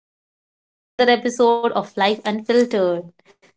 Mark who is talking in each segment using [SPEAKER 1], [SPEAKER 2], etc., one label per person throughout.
[SPEAKER 1] and welcome back to another episode of Life Unfiltered.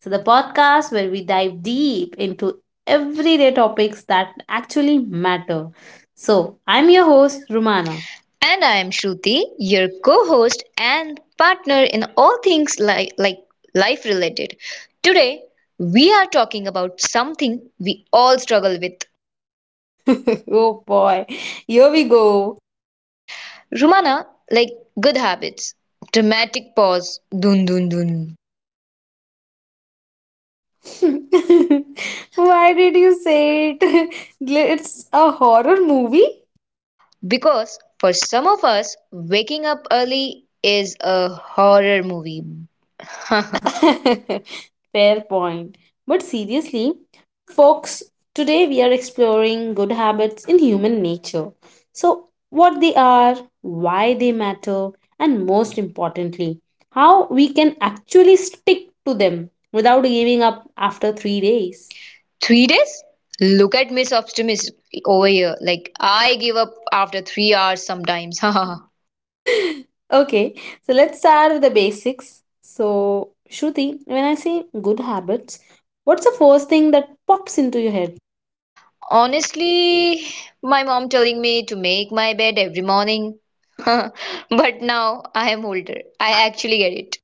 [SPEAKER 1] So, the podcast where we dive deep into everyday topics that actually matter. So, I'm your host, Rumana.
[SPEAKER 2] And I am Shruti, your co host and partner in all things like life related. Today, we are talking about something we all struggle with.
[SPEAKER 1] Oh boy, here we go.
[SPEAKER 2] Rumana, like good habits. Dramatic pause, dun dun dun.
[SPEAKER 1] Why did you say it? It's a horror movie?
[SPEAKER 2] Because for some of us, waking up early is a horror movie.
[SPEAKER 1] Fair point. But seriously, folks, today we are exploring good habits in human nature. So, what they are, why they matter, and most importantly, how we can actually stick to them without giving up after 3 days.
[SPEAKER 2] 3 days? Look at Miss Optimist over here. I give up after 3 hours sometimes.
[SPEAKER 1] Okay, so let's start with the basics. So, Shruti, when I say good habits, what's the first thing that pops into your head?
[SPEAKER 2] Honestly, my mom telling me to make my bed every morning. But now I am older. I actually get it.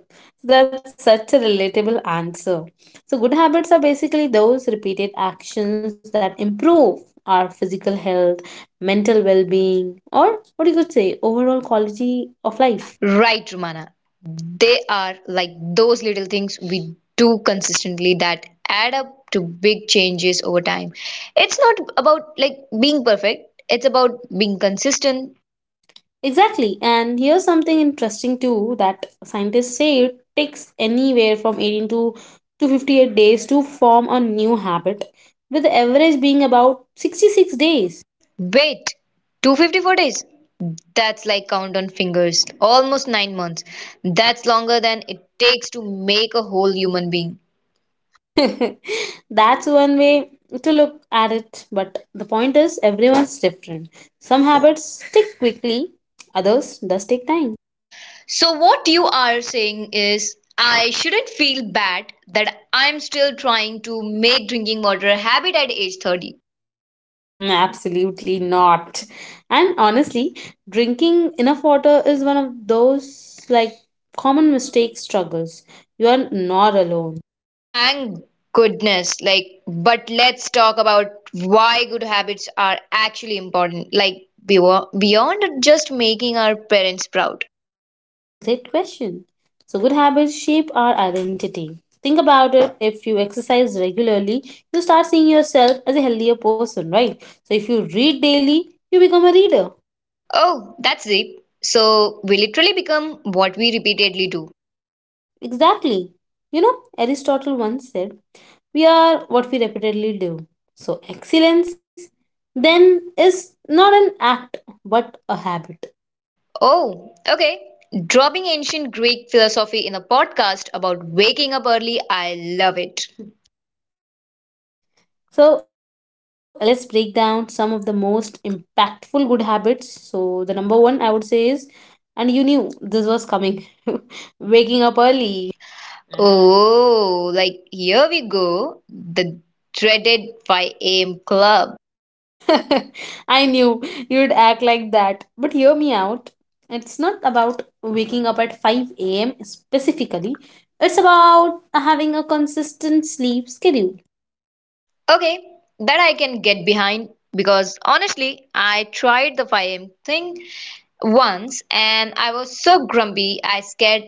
[SPEAKER 1] Good. So that's such a relatable answer. So, good habits are basically those repeated actions that improve our physical health, mental well being, or what you could say, overall quality of life.
[SPEAKER 2] Right, Rumana. They are like those little things we do consistently that add up to big changes over time. It's not about being perfect. It's about being consistent.
[SPEAKER 1] Exactly. And here's something interesting too that scientists say it takes anywhere from 18 to 258 days to form a new habit, with the average being about 66 days.
[SPEAKER 2] Wait, 254 days? That's like count on fingers. Almost 9 months. That's longer than it takes to make a whole human being.
[SPEAKER 1] That's one way to look at it, but the point is everyone's different. Some habits stick quickly, others does take time.
[SPEAKER 2] So, what you are saying is, I shouldn't feel bad that I'm still trying to make drinking water a habit at age 30.
[SPEAKER 1] Mm, absolutely not. And honestly, drinking enough water is one of those like common mistake struggles. You are not alone.
[SPEAKER 2] Thank goodness. But let's talk about why good habits are actually important. Beyond just making our parents proud.
[SPEAKER 1] Great question. So, good habits shape our identity. Think about it. If you exercise regularly, you start seeing yourself as a healthier person, right? So, if you read daily, you become a reader.
[SPEAKER 2] Oh, that's deep. So we literally become what we repeatedly do.
[SPEAKER 1] Exactly. You know, Aristotle once said, we are what we repeatedly do. So, excellence then is not an act but a habit.
[SPEAKER 2] Oh, okay. Dropping ancient Greek philosophy in a podcast about waking up early, I love it.
[SPEAKER 1] So let's break down some of the most impactful good habits. So the number one I would say is, and you knew this was coming, waking up early.
[SPEAKER 2] Oh, here we go. The dreaded 5 a.m. club.
[SPEAKER 1] I knew you'd act like that. But hear me out. It's not about waking up at 5 a.m. specifically. It's about having a consistent sleep schedule.
[SPEAKER 2] Okay, that I can get behind because honestly, I tried the 5 a.m. thing once and I was so grumpy I scared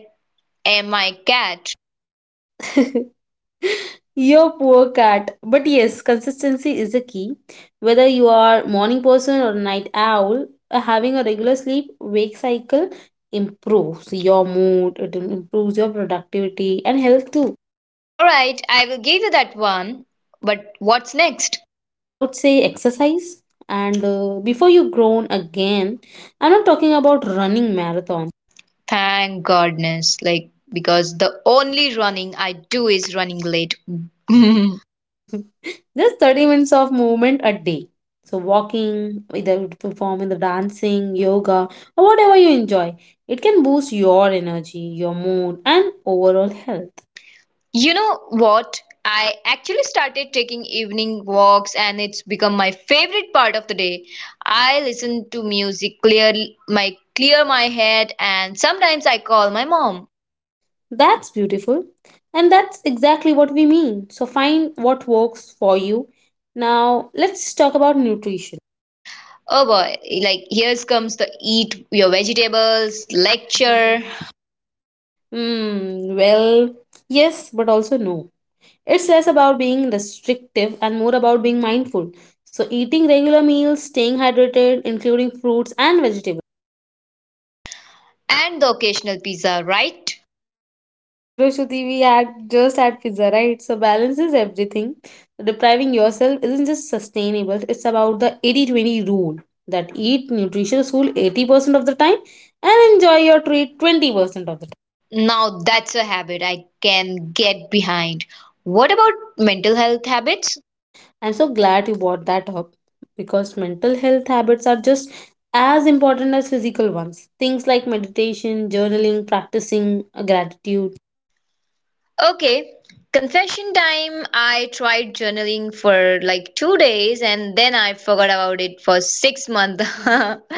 [SPEAKER 2] my cat.
[SPEAKER 1] Your poor cat. But yes, consistency is a key. Whether you are morning person or night owl, having a regular sleep wake cycle improves your mood, it improves your productivity and health too.
[SPEAKER 2] All right, I will give you that one. But what's next?
[SPEAKER 1] I would say exercise and before you grown again, I'm not talking about running marathon.
[SPEAKER 2] Thank goodness. Because the only running I do is running late.
[SPEAKER 1] Just 30 minutes of movement a day. So, walking, either performing the dancing, yoga, or whatever you enjoy. It can boost your energy, your mood, and overall health.
[SPEAKER 2] You know what? I actually started taking evening walks and it's become my favorite part of the day. I listen to music, clear my head, and sometimes I call my mom.
[SPEAKER 1] That's beautiful. And that's exactly what we mean. So, find what works for you. Now, let's talk about nutrition.
[SPEAKER 2] Oh boy, here comes the eat your vegetables lecture.
[SPEAKER 1] Hmm, well, yes, but also no. It's less about being restrictive and more about being mindful. So, eating regular meals, staying hydrated, including fruits and vegetables.
[SPEAKER 2] And the occasional pizza, right?
[SPEAKER 1] Yes, Hiroshiti, we had just had pizza, right? So balance is everything. Depriving yourself isn't just sustainable, it's about the 80/20 rule that eat nutritious food 80% of the time and enjoy your treat 20% of the time.
[SPEAKER 2] Now that's a habit I can get behind. What about mental health habits?
[SPEAKER 1] I'm so glad you brought that up because mental health habits are just as important as physical ones. Things like meditation, journaling, practicing gratitude.
[SPEAKER 2] Okay, confession time. I tried journaling for 2 days, and then I forgot about it for 6 months.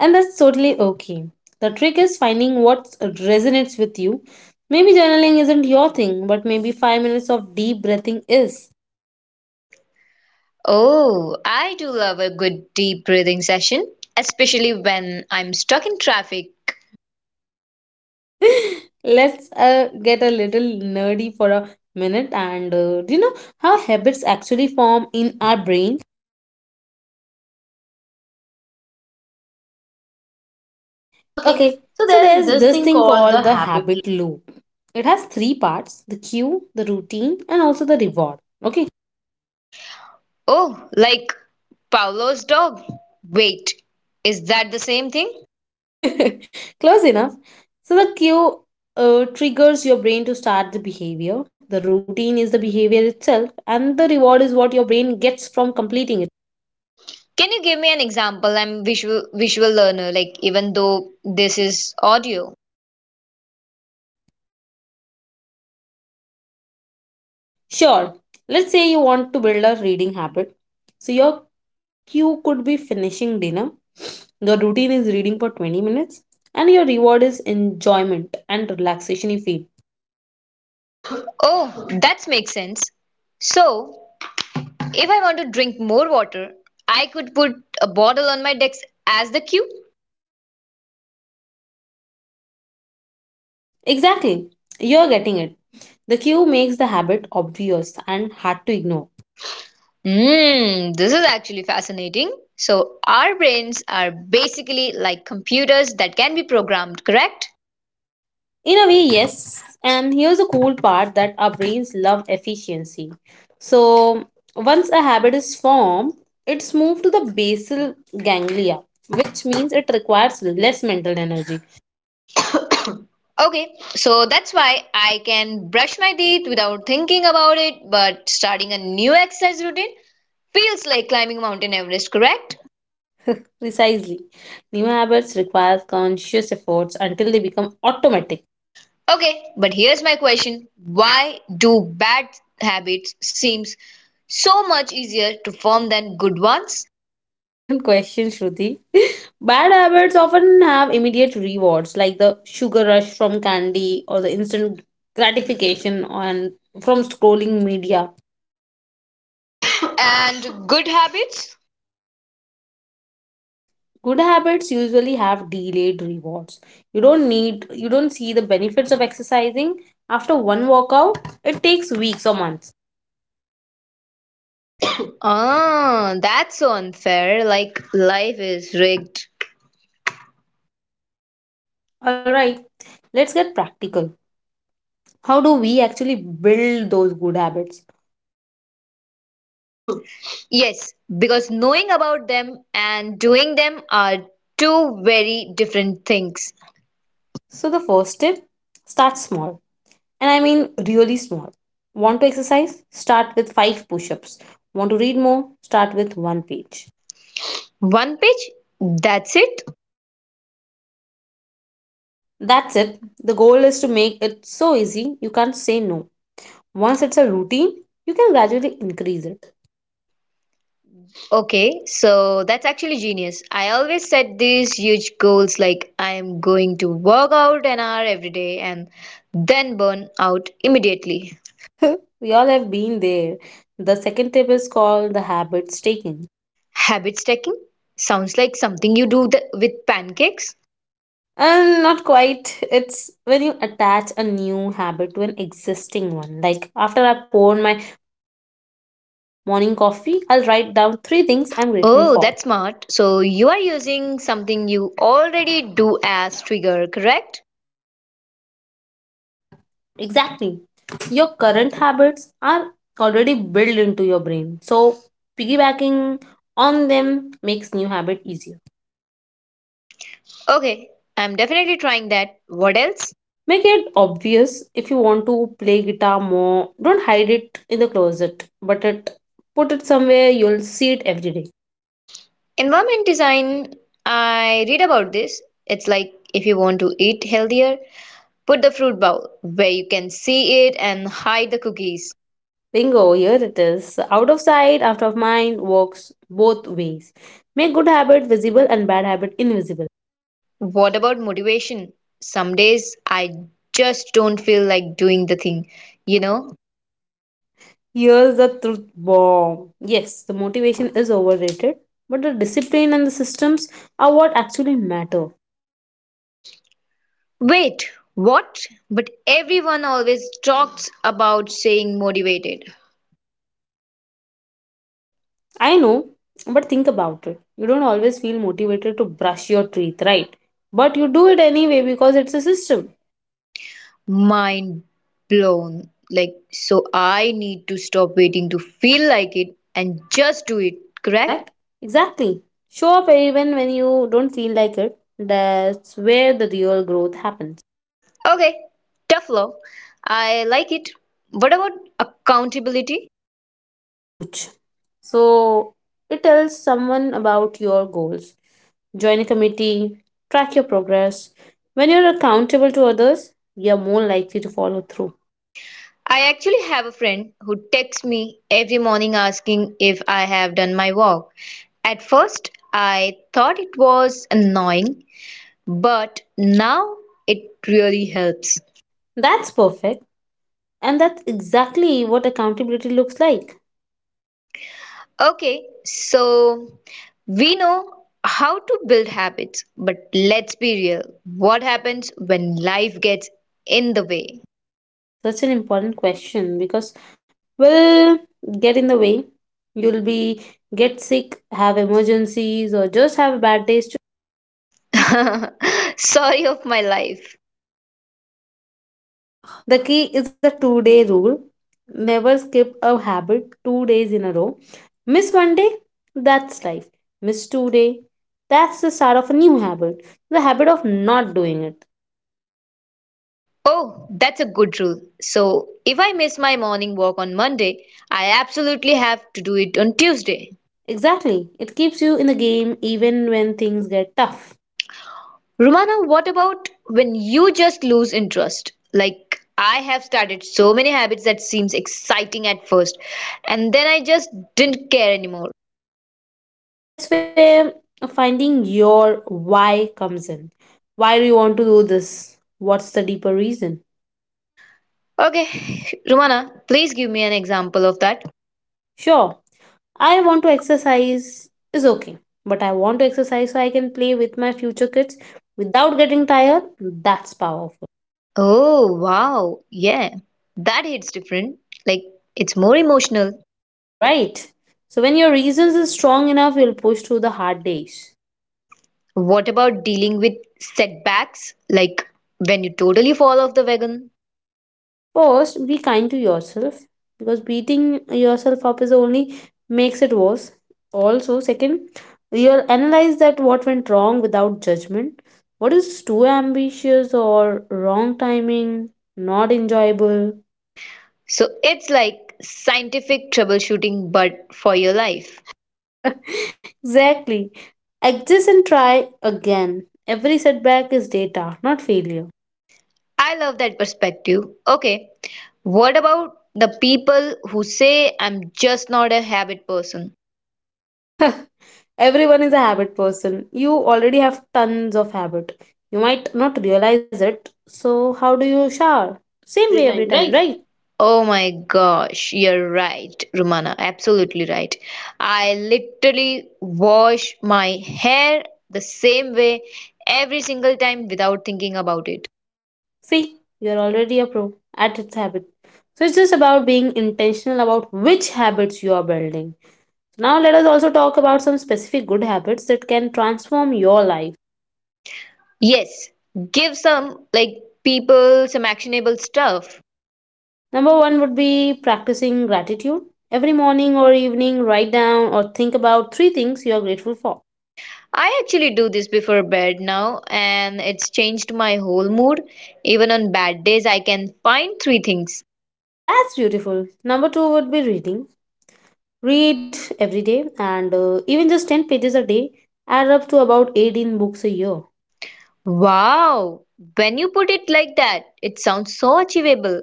[SPEAKER 1] And that's totally okay. The trick is finding what resonates with you. Maybe journaling isn't your thing, but maybe 5 minutes of deep breathing is.
[SPEAKER 2] Oh, I do love a good deep breathing session, especially when I'm stuck in traffic.
[SPEAKER 1] Let's get a little nerdy for a minute and do you know how habits actually form in our brain?
[SPEAKER 2] Okay,
[SPEAKER 1] Okay,
[SPEAKER 2] so
[SPEAKER 1] so
[SPEAKER 2] there's
[SPEAKER 1] there's
[SPEAKER 2] this
[SPEAKER 1] this
[SPEAKER 2] thing
[SPEAKER 1] thing
[SPEAKER 2] called the
[SPEAKER 1] called the
[SPEAKER 2] habit.
[SPEAKER 1] habit loop. It has three parts: the cue, the routine, and also the reward. Okay.
[SPEAKER 2] Oh, like Paolo's dog. Wait, is that the same thing?
[SPEAKER 1] Close enough. So the cue triggers your brain to start the behavior. The routine is the behavior itself, and the reward is what your brain gets from completing it.
[SPEAKER 2] Can you give me an example? I'm visual learner, even though this is audio.
[SPEAKER 1] Sure, let's say you want to build a reading habit. So your cue could be finishing dinner. Your routine is reading for 20 minutes, and your reward is enjoyment and relaxation you feel.
[SPEAKER 2] Oh, that makes sense. So, if I want to drink more water, I could put a bottle on my desk as the cue.
[SPEAKER 1] Exactly, you're getting it. The cue makes the habit obvious and hard to ignore.
[SPEAKER 2] Hmm, this is actually fascinating. So, our brains are basically like computers that can be programmed, correct?
[SPEAKER 1] In a way, yes. And here's a cool part that our brains love efficiency. So once a habit is formed, it's moved to the basal ganglia, which means it requires less mental energy.
[SPEAKER 2] Okay, so that's why I can brush my teeth without thinking about it, but starting a new exercise routine feels like climbing Mountain Everest, correct?
[SPEAKER 1] Precisely. New habits require conscious efforts until they become automatic.
[SPEAKER 2] Okay, but here's my question. Why do bad habits seems so much easier to form than good ones?
[SPEAKER 1] Excellent question, Shruti. Bad habits often have immediate rewards like the sugar rush from candy or the instant gratification on from scrolling media.
[SPEAKER 2] And good habits?
[SPEAKER 1] Good habits usually have delayed rewards. You don't see the benefits of exercising after one workout. It takes weeks or months.
[SPEAKER 2] Ah, that's so unfair. Like life is rigged.
[SPEAKER 1] Alright, let's get practical. How do we actually build those good habits?
[SPEAKER 2] Yes, because knowing about them and doing them are two very different things.
[SPEAKER 1] So, the first tip: start small, and I mean really small. Want to exercise? Start with five push ups. Want to read more? Start with one page.
[SPEAKER 2] One page, that's it.
[SPEAKER 1] That's it. The goal is to make it so easy you can't say no. Once it's a routine, you can gradually increase it.
[SPEAKER 2] Okay, so that's actually genius. I always set these huge goals like I am going to work out an hour every day and then burn out immediately.
[SPEAKER 1] We all have been there. The second tip is called the habit staking.
[SPEAKER 2] Habit stacking sounds like something you with pancakes.
[SPEAKER 1] And not quite. It's when you attach a new habit to an existing one. Like after I pour my morning coffee, I'll write down three things I'm grateful for.
[SPEAKER 2] Oh, that's smart. So you are using something you already do as trigger, correct?
[SPEAKER 1] Exactly. Your current habits are already built into your brain. So piggybacking on them makes new habit easier.
[SPEAKER 2] Okay, I'm definitely trying that. What else?
[SPEAKER 1] Make it obvious if you want to play guitar more. Don't hide it in the closet, but it put it somewhere you'll see it every day.
[SPEAKER 2] Environment design, I read about this. It's like if you want to eat healthier, put the fruit bowl where you can see it and hide the cookies.
[SPEAKER 1] Bingo, here it is. Out of sight, out of mind works both ways. Make good habit visible and bad habit invisible.
[SPEAKER 2] What about motivation? Some days I just don't feel like doing the thing, you know?
[SPEAKER 1] Here's the truth bomb. Yes, the motivation is overrated, but the discipline and the systems are what actually matter.
[SPEAKER 2] Wait, what? But everyone always talks about saying motivated.
[SPEAKER 1] I know, but think about it. You don't always feel motivated to brush your teeth, right? But you do it anyway because it's a system.
[SPEAKER 2] Mind blown. So I need to stop waiting to feel like it and just do it, correct?
[SPEAKER 1] Correct? Exactly. Show up even when you don't feel like it. That's where the real growth happens.
[SPEAKER 2] Okay, tough love. I like it. What about accountability?
[SPEAKER 1] Huge. So it tells someone about your goals. Join a committee, track your progress. When you're accountable to others, you're more likely to follow through.
[SPEAKER 2] I actually have a friend who texts me every morning asking if I have done my walk. At first, I thought it was annoying, but now it really helps.
[SPEAKER 1] That's perfect. And that's exactly what accountability looks like.
[SPEAKER 2] Okay, so we know how to build habits, but let's be real. What happens when life gets in the way?
[SPEAKER 1] Such an important question because will get in the way. You'll be get sick, have emergencies, or just have a bad day.
[SPEAKER 2] Sorry of my life.
[SPEAKER 1] The key is a 2 day rule. Never skip a habit 2 days in a row. Miss 1 day, that's life. Miss 2 day, that's the start of a new habit. The habit of not doing it.
[SPEAKER 2] Oh, that's a good rule. So, if I miss my morning walk on Monday, I absolutely have to do it on Tuesday.
[SPEAKER 1] Exactly. It keeps you in the game even when things get tough.
[SPEAKER 2] Rumana, what about when you just lose interest? Like, I have started so many habits that seems exciting at first, and then I just didn't care anymore.
[SPEAKER 1] That's where finding your why comes in. Why do you want to do this? What's the deeper reason?
[SPEAKER 2] Okay, Rumana, please give me an example of that.
[SPEAKER 1] Sure, I want to exercise is okay, but I want to exercise so I can play with my future kids without getting tired. That's powerful,
[SPEAKER 2] Oh, wow. Yeah. That hits different. Like, it's more emotional.
[SPEAKER 1] right? So when your reasons is strong enough, you'll push through the hard days.
[SPEAKER 2] What about dealing with setbacks, like when you totally fall off the wagon?
[SPEAKER 1] First, be kind to yourself because beating yourself up is only makes it worse. Also, second, you'll analyze that what went wrong without judgment. What is too ambitious or wrong timing, not enjoyable?
[SPEAKER 2] So it's like scientific troubleshooting, but for your life.
[SPEAKER 1] Exactly. Exist and try again. Every setback is data, not failure.
[SPEAKER 2] I love that perspective. Okay, what about the people who say I'm just not a habit person?
[SPEAKER 1] Everyone is a habit person. You already have tons of habit. You might not realize it. So how do you shower? Same way
[SPEAKER 2] Every
[SPEAKER 1] every
[SPEAKER 2] time,
[SPEAKER 1] time,
[SPEAKER 2] right?
[SPEAKER 1] right?
[SPEAKER 2] Oh my gosh, you're right, Rumana. Absolutely right. I literally wash my hair the same way every single time without thinking about it.
[SPEAKER 1] See, you're already a pro at its habit. So it's just about being intentional about which habits you are building. Now let us also talk about some specific good habits that can transform your life.
[SPEAKER 2] Yes, give some like people some actionable stuff.
[SPEAKER 1] Number one would be practicing gratitude. Every morning or evening, write down or think about three things you are grateful for.
[SPEAKER 2] I actually do this before bed now, and it's changed my whole mood. Even on bad days, I can find three things.
[SPEAKER 1] That's beautiful. Number two would be reading. Read every day, and even just 10 pages a day add up to about 18 books a year.
[SPEAKER 2] Wow, when you put it like that, it sounds so achievable.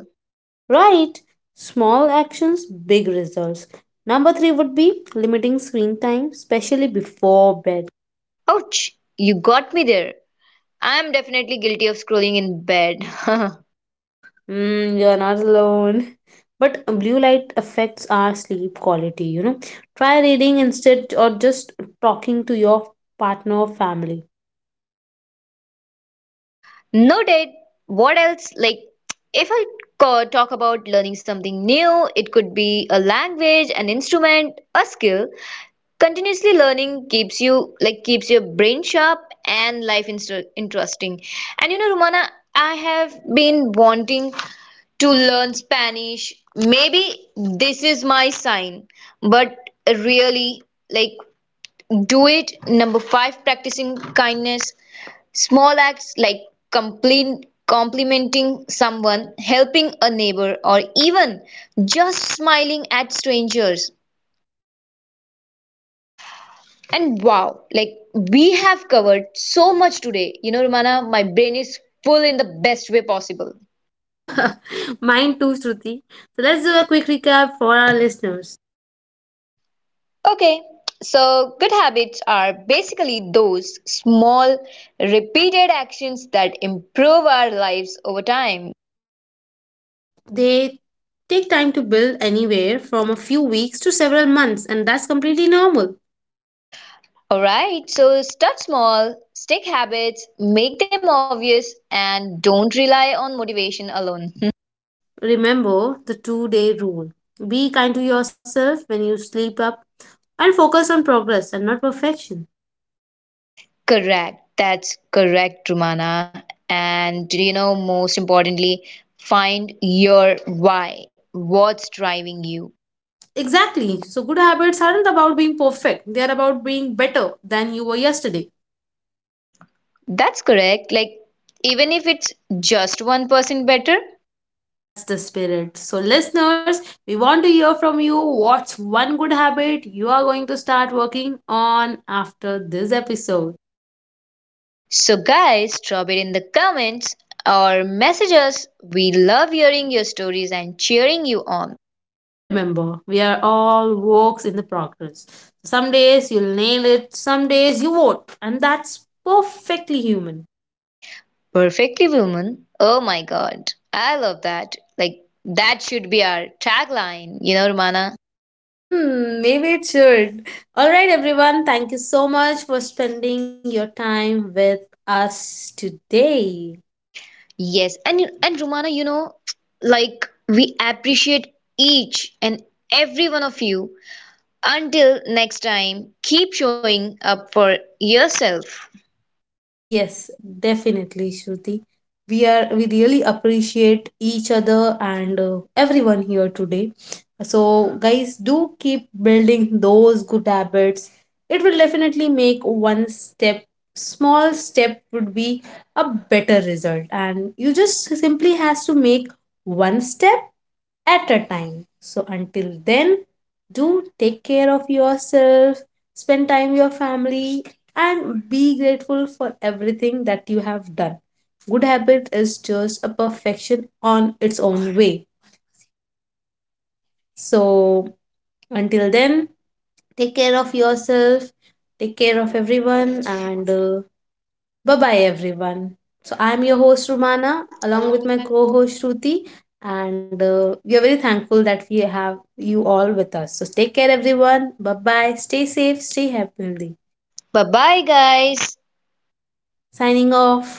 [SPEAKER 1] Right? Small actions, big results. Number three would be limiting screen time, especially before bed.
[SPEAKER 2] Ouch, you got me there. I'm definitely guilty of scrolling in bed.
[SPEAKER 1] Mm, you're not alone. But blue light affects our sleep quality, you know. Try reading instead or just talking to your partner or family.
[SPEAKER 2] Noted. What else? Like, if I talk about learning something new, it could be a language, an instrument, a skill. Continuously learning keeps your brain sharp and life interesting. And you know, Romana, I have been wanting to learn Spanish. Maybe this is my sign. But really, like do it. Number 5, practicing kindness. Small acts like complete complimenting someone, helping a neighbor, or even just smiling at strangers. And wow, we have covered so much today. You know, Romana, my brain is full in the best way possible.
[SPEAKER 1] Mine too, Shruti. So let's do a quick recap for our listeners.
[SPEAKER 2] Okay, so good habits are basically those small, repeated actions that improve our lives over time.
[SPEAKER 1] They take time to build anywhere from a few weeks to several months, and that's completely normal.
[SPEAKER 2] Alright, so start small, stick habits, make them obvious, and don't rely on motivation alone.
[SPEAKER 1] Remember the 2 day rule, be kind to yourself when you sleep up and focus on progress and not perfection.
[SPEAKER 2] Correct. That's correct, Rumana. And you know, most importantly, find your why. What's driving you?
[SPEAKER 1] Exactly. So, good habits aren't about being perfect, they are about being better than you were yesterday.
[SPEAKER 2] That's correct. Even if it's just 1% better.
[SPEAKER 1] That's the spirit. So, listeners, we want to hear from you what's one good habit you are going to start working on after this episode.
[SPEAKER 2] So, guys, drop it in the comments or message us. We love hearing your stories and cheering you on.
[SPEAKER 1] And remember, we are all works in the progress. Some days you'll nail it, some days you won't, and that's perfectly human.
[SPEAKER 2] Perfectly Woman. Oh my God. I love that. That should be our tagline, you know, Rumana.
[SPEAKER 1] Mm, maybe it should. All right, everyone, thank you so much for spending your time with us today.
[SPEAKER 2] Yes, and Romana, you know, we appreciate each and every one of you. Until next time, keep showing up for yourself.
[SPEAKER 1] Yes, definitely, Shruti. We really appreciate each other and everyone here today. So, guys, do keep building those good habits. It will definitely make one step, small step would be a better result, and you just simply has to make one step at a time. So until then, do take care of yourself, spend time with your family, and be grateful for everything that you have done. Good habit is just a perfection on its own way. So until then, take care of yourself, take care of everyone, and bye bye, everyone. So, I'm your host, Rumana, along
[SPEAKER 2] Along
[SPEAKER 1] with
[SPEAKER 2] with
[SPEAKER 1] my
[SPEAKER 2] my
[SPEAKER 1] co host, Shruti, and we are very thankful that we have you all with us. So, take care, everyone. Bye bye. Stay safe, stay happy.
[SPEAKER 2] bye bye, guys.
[SPEAKER 1] Signing off.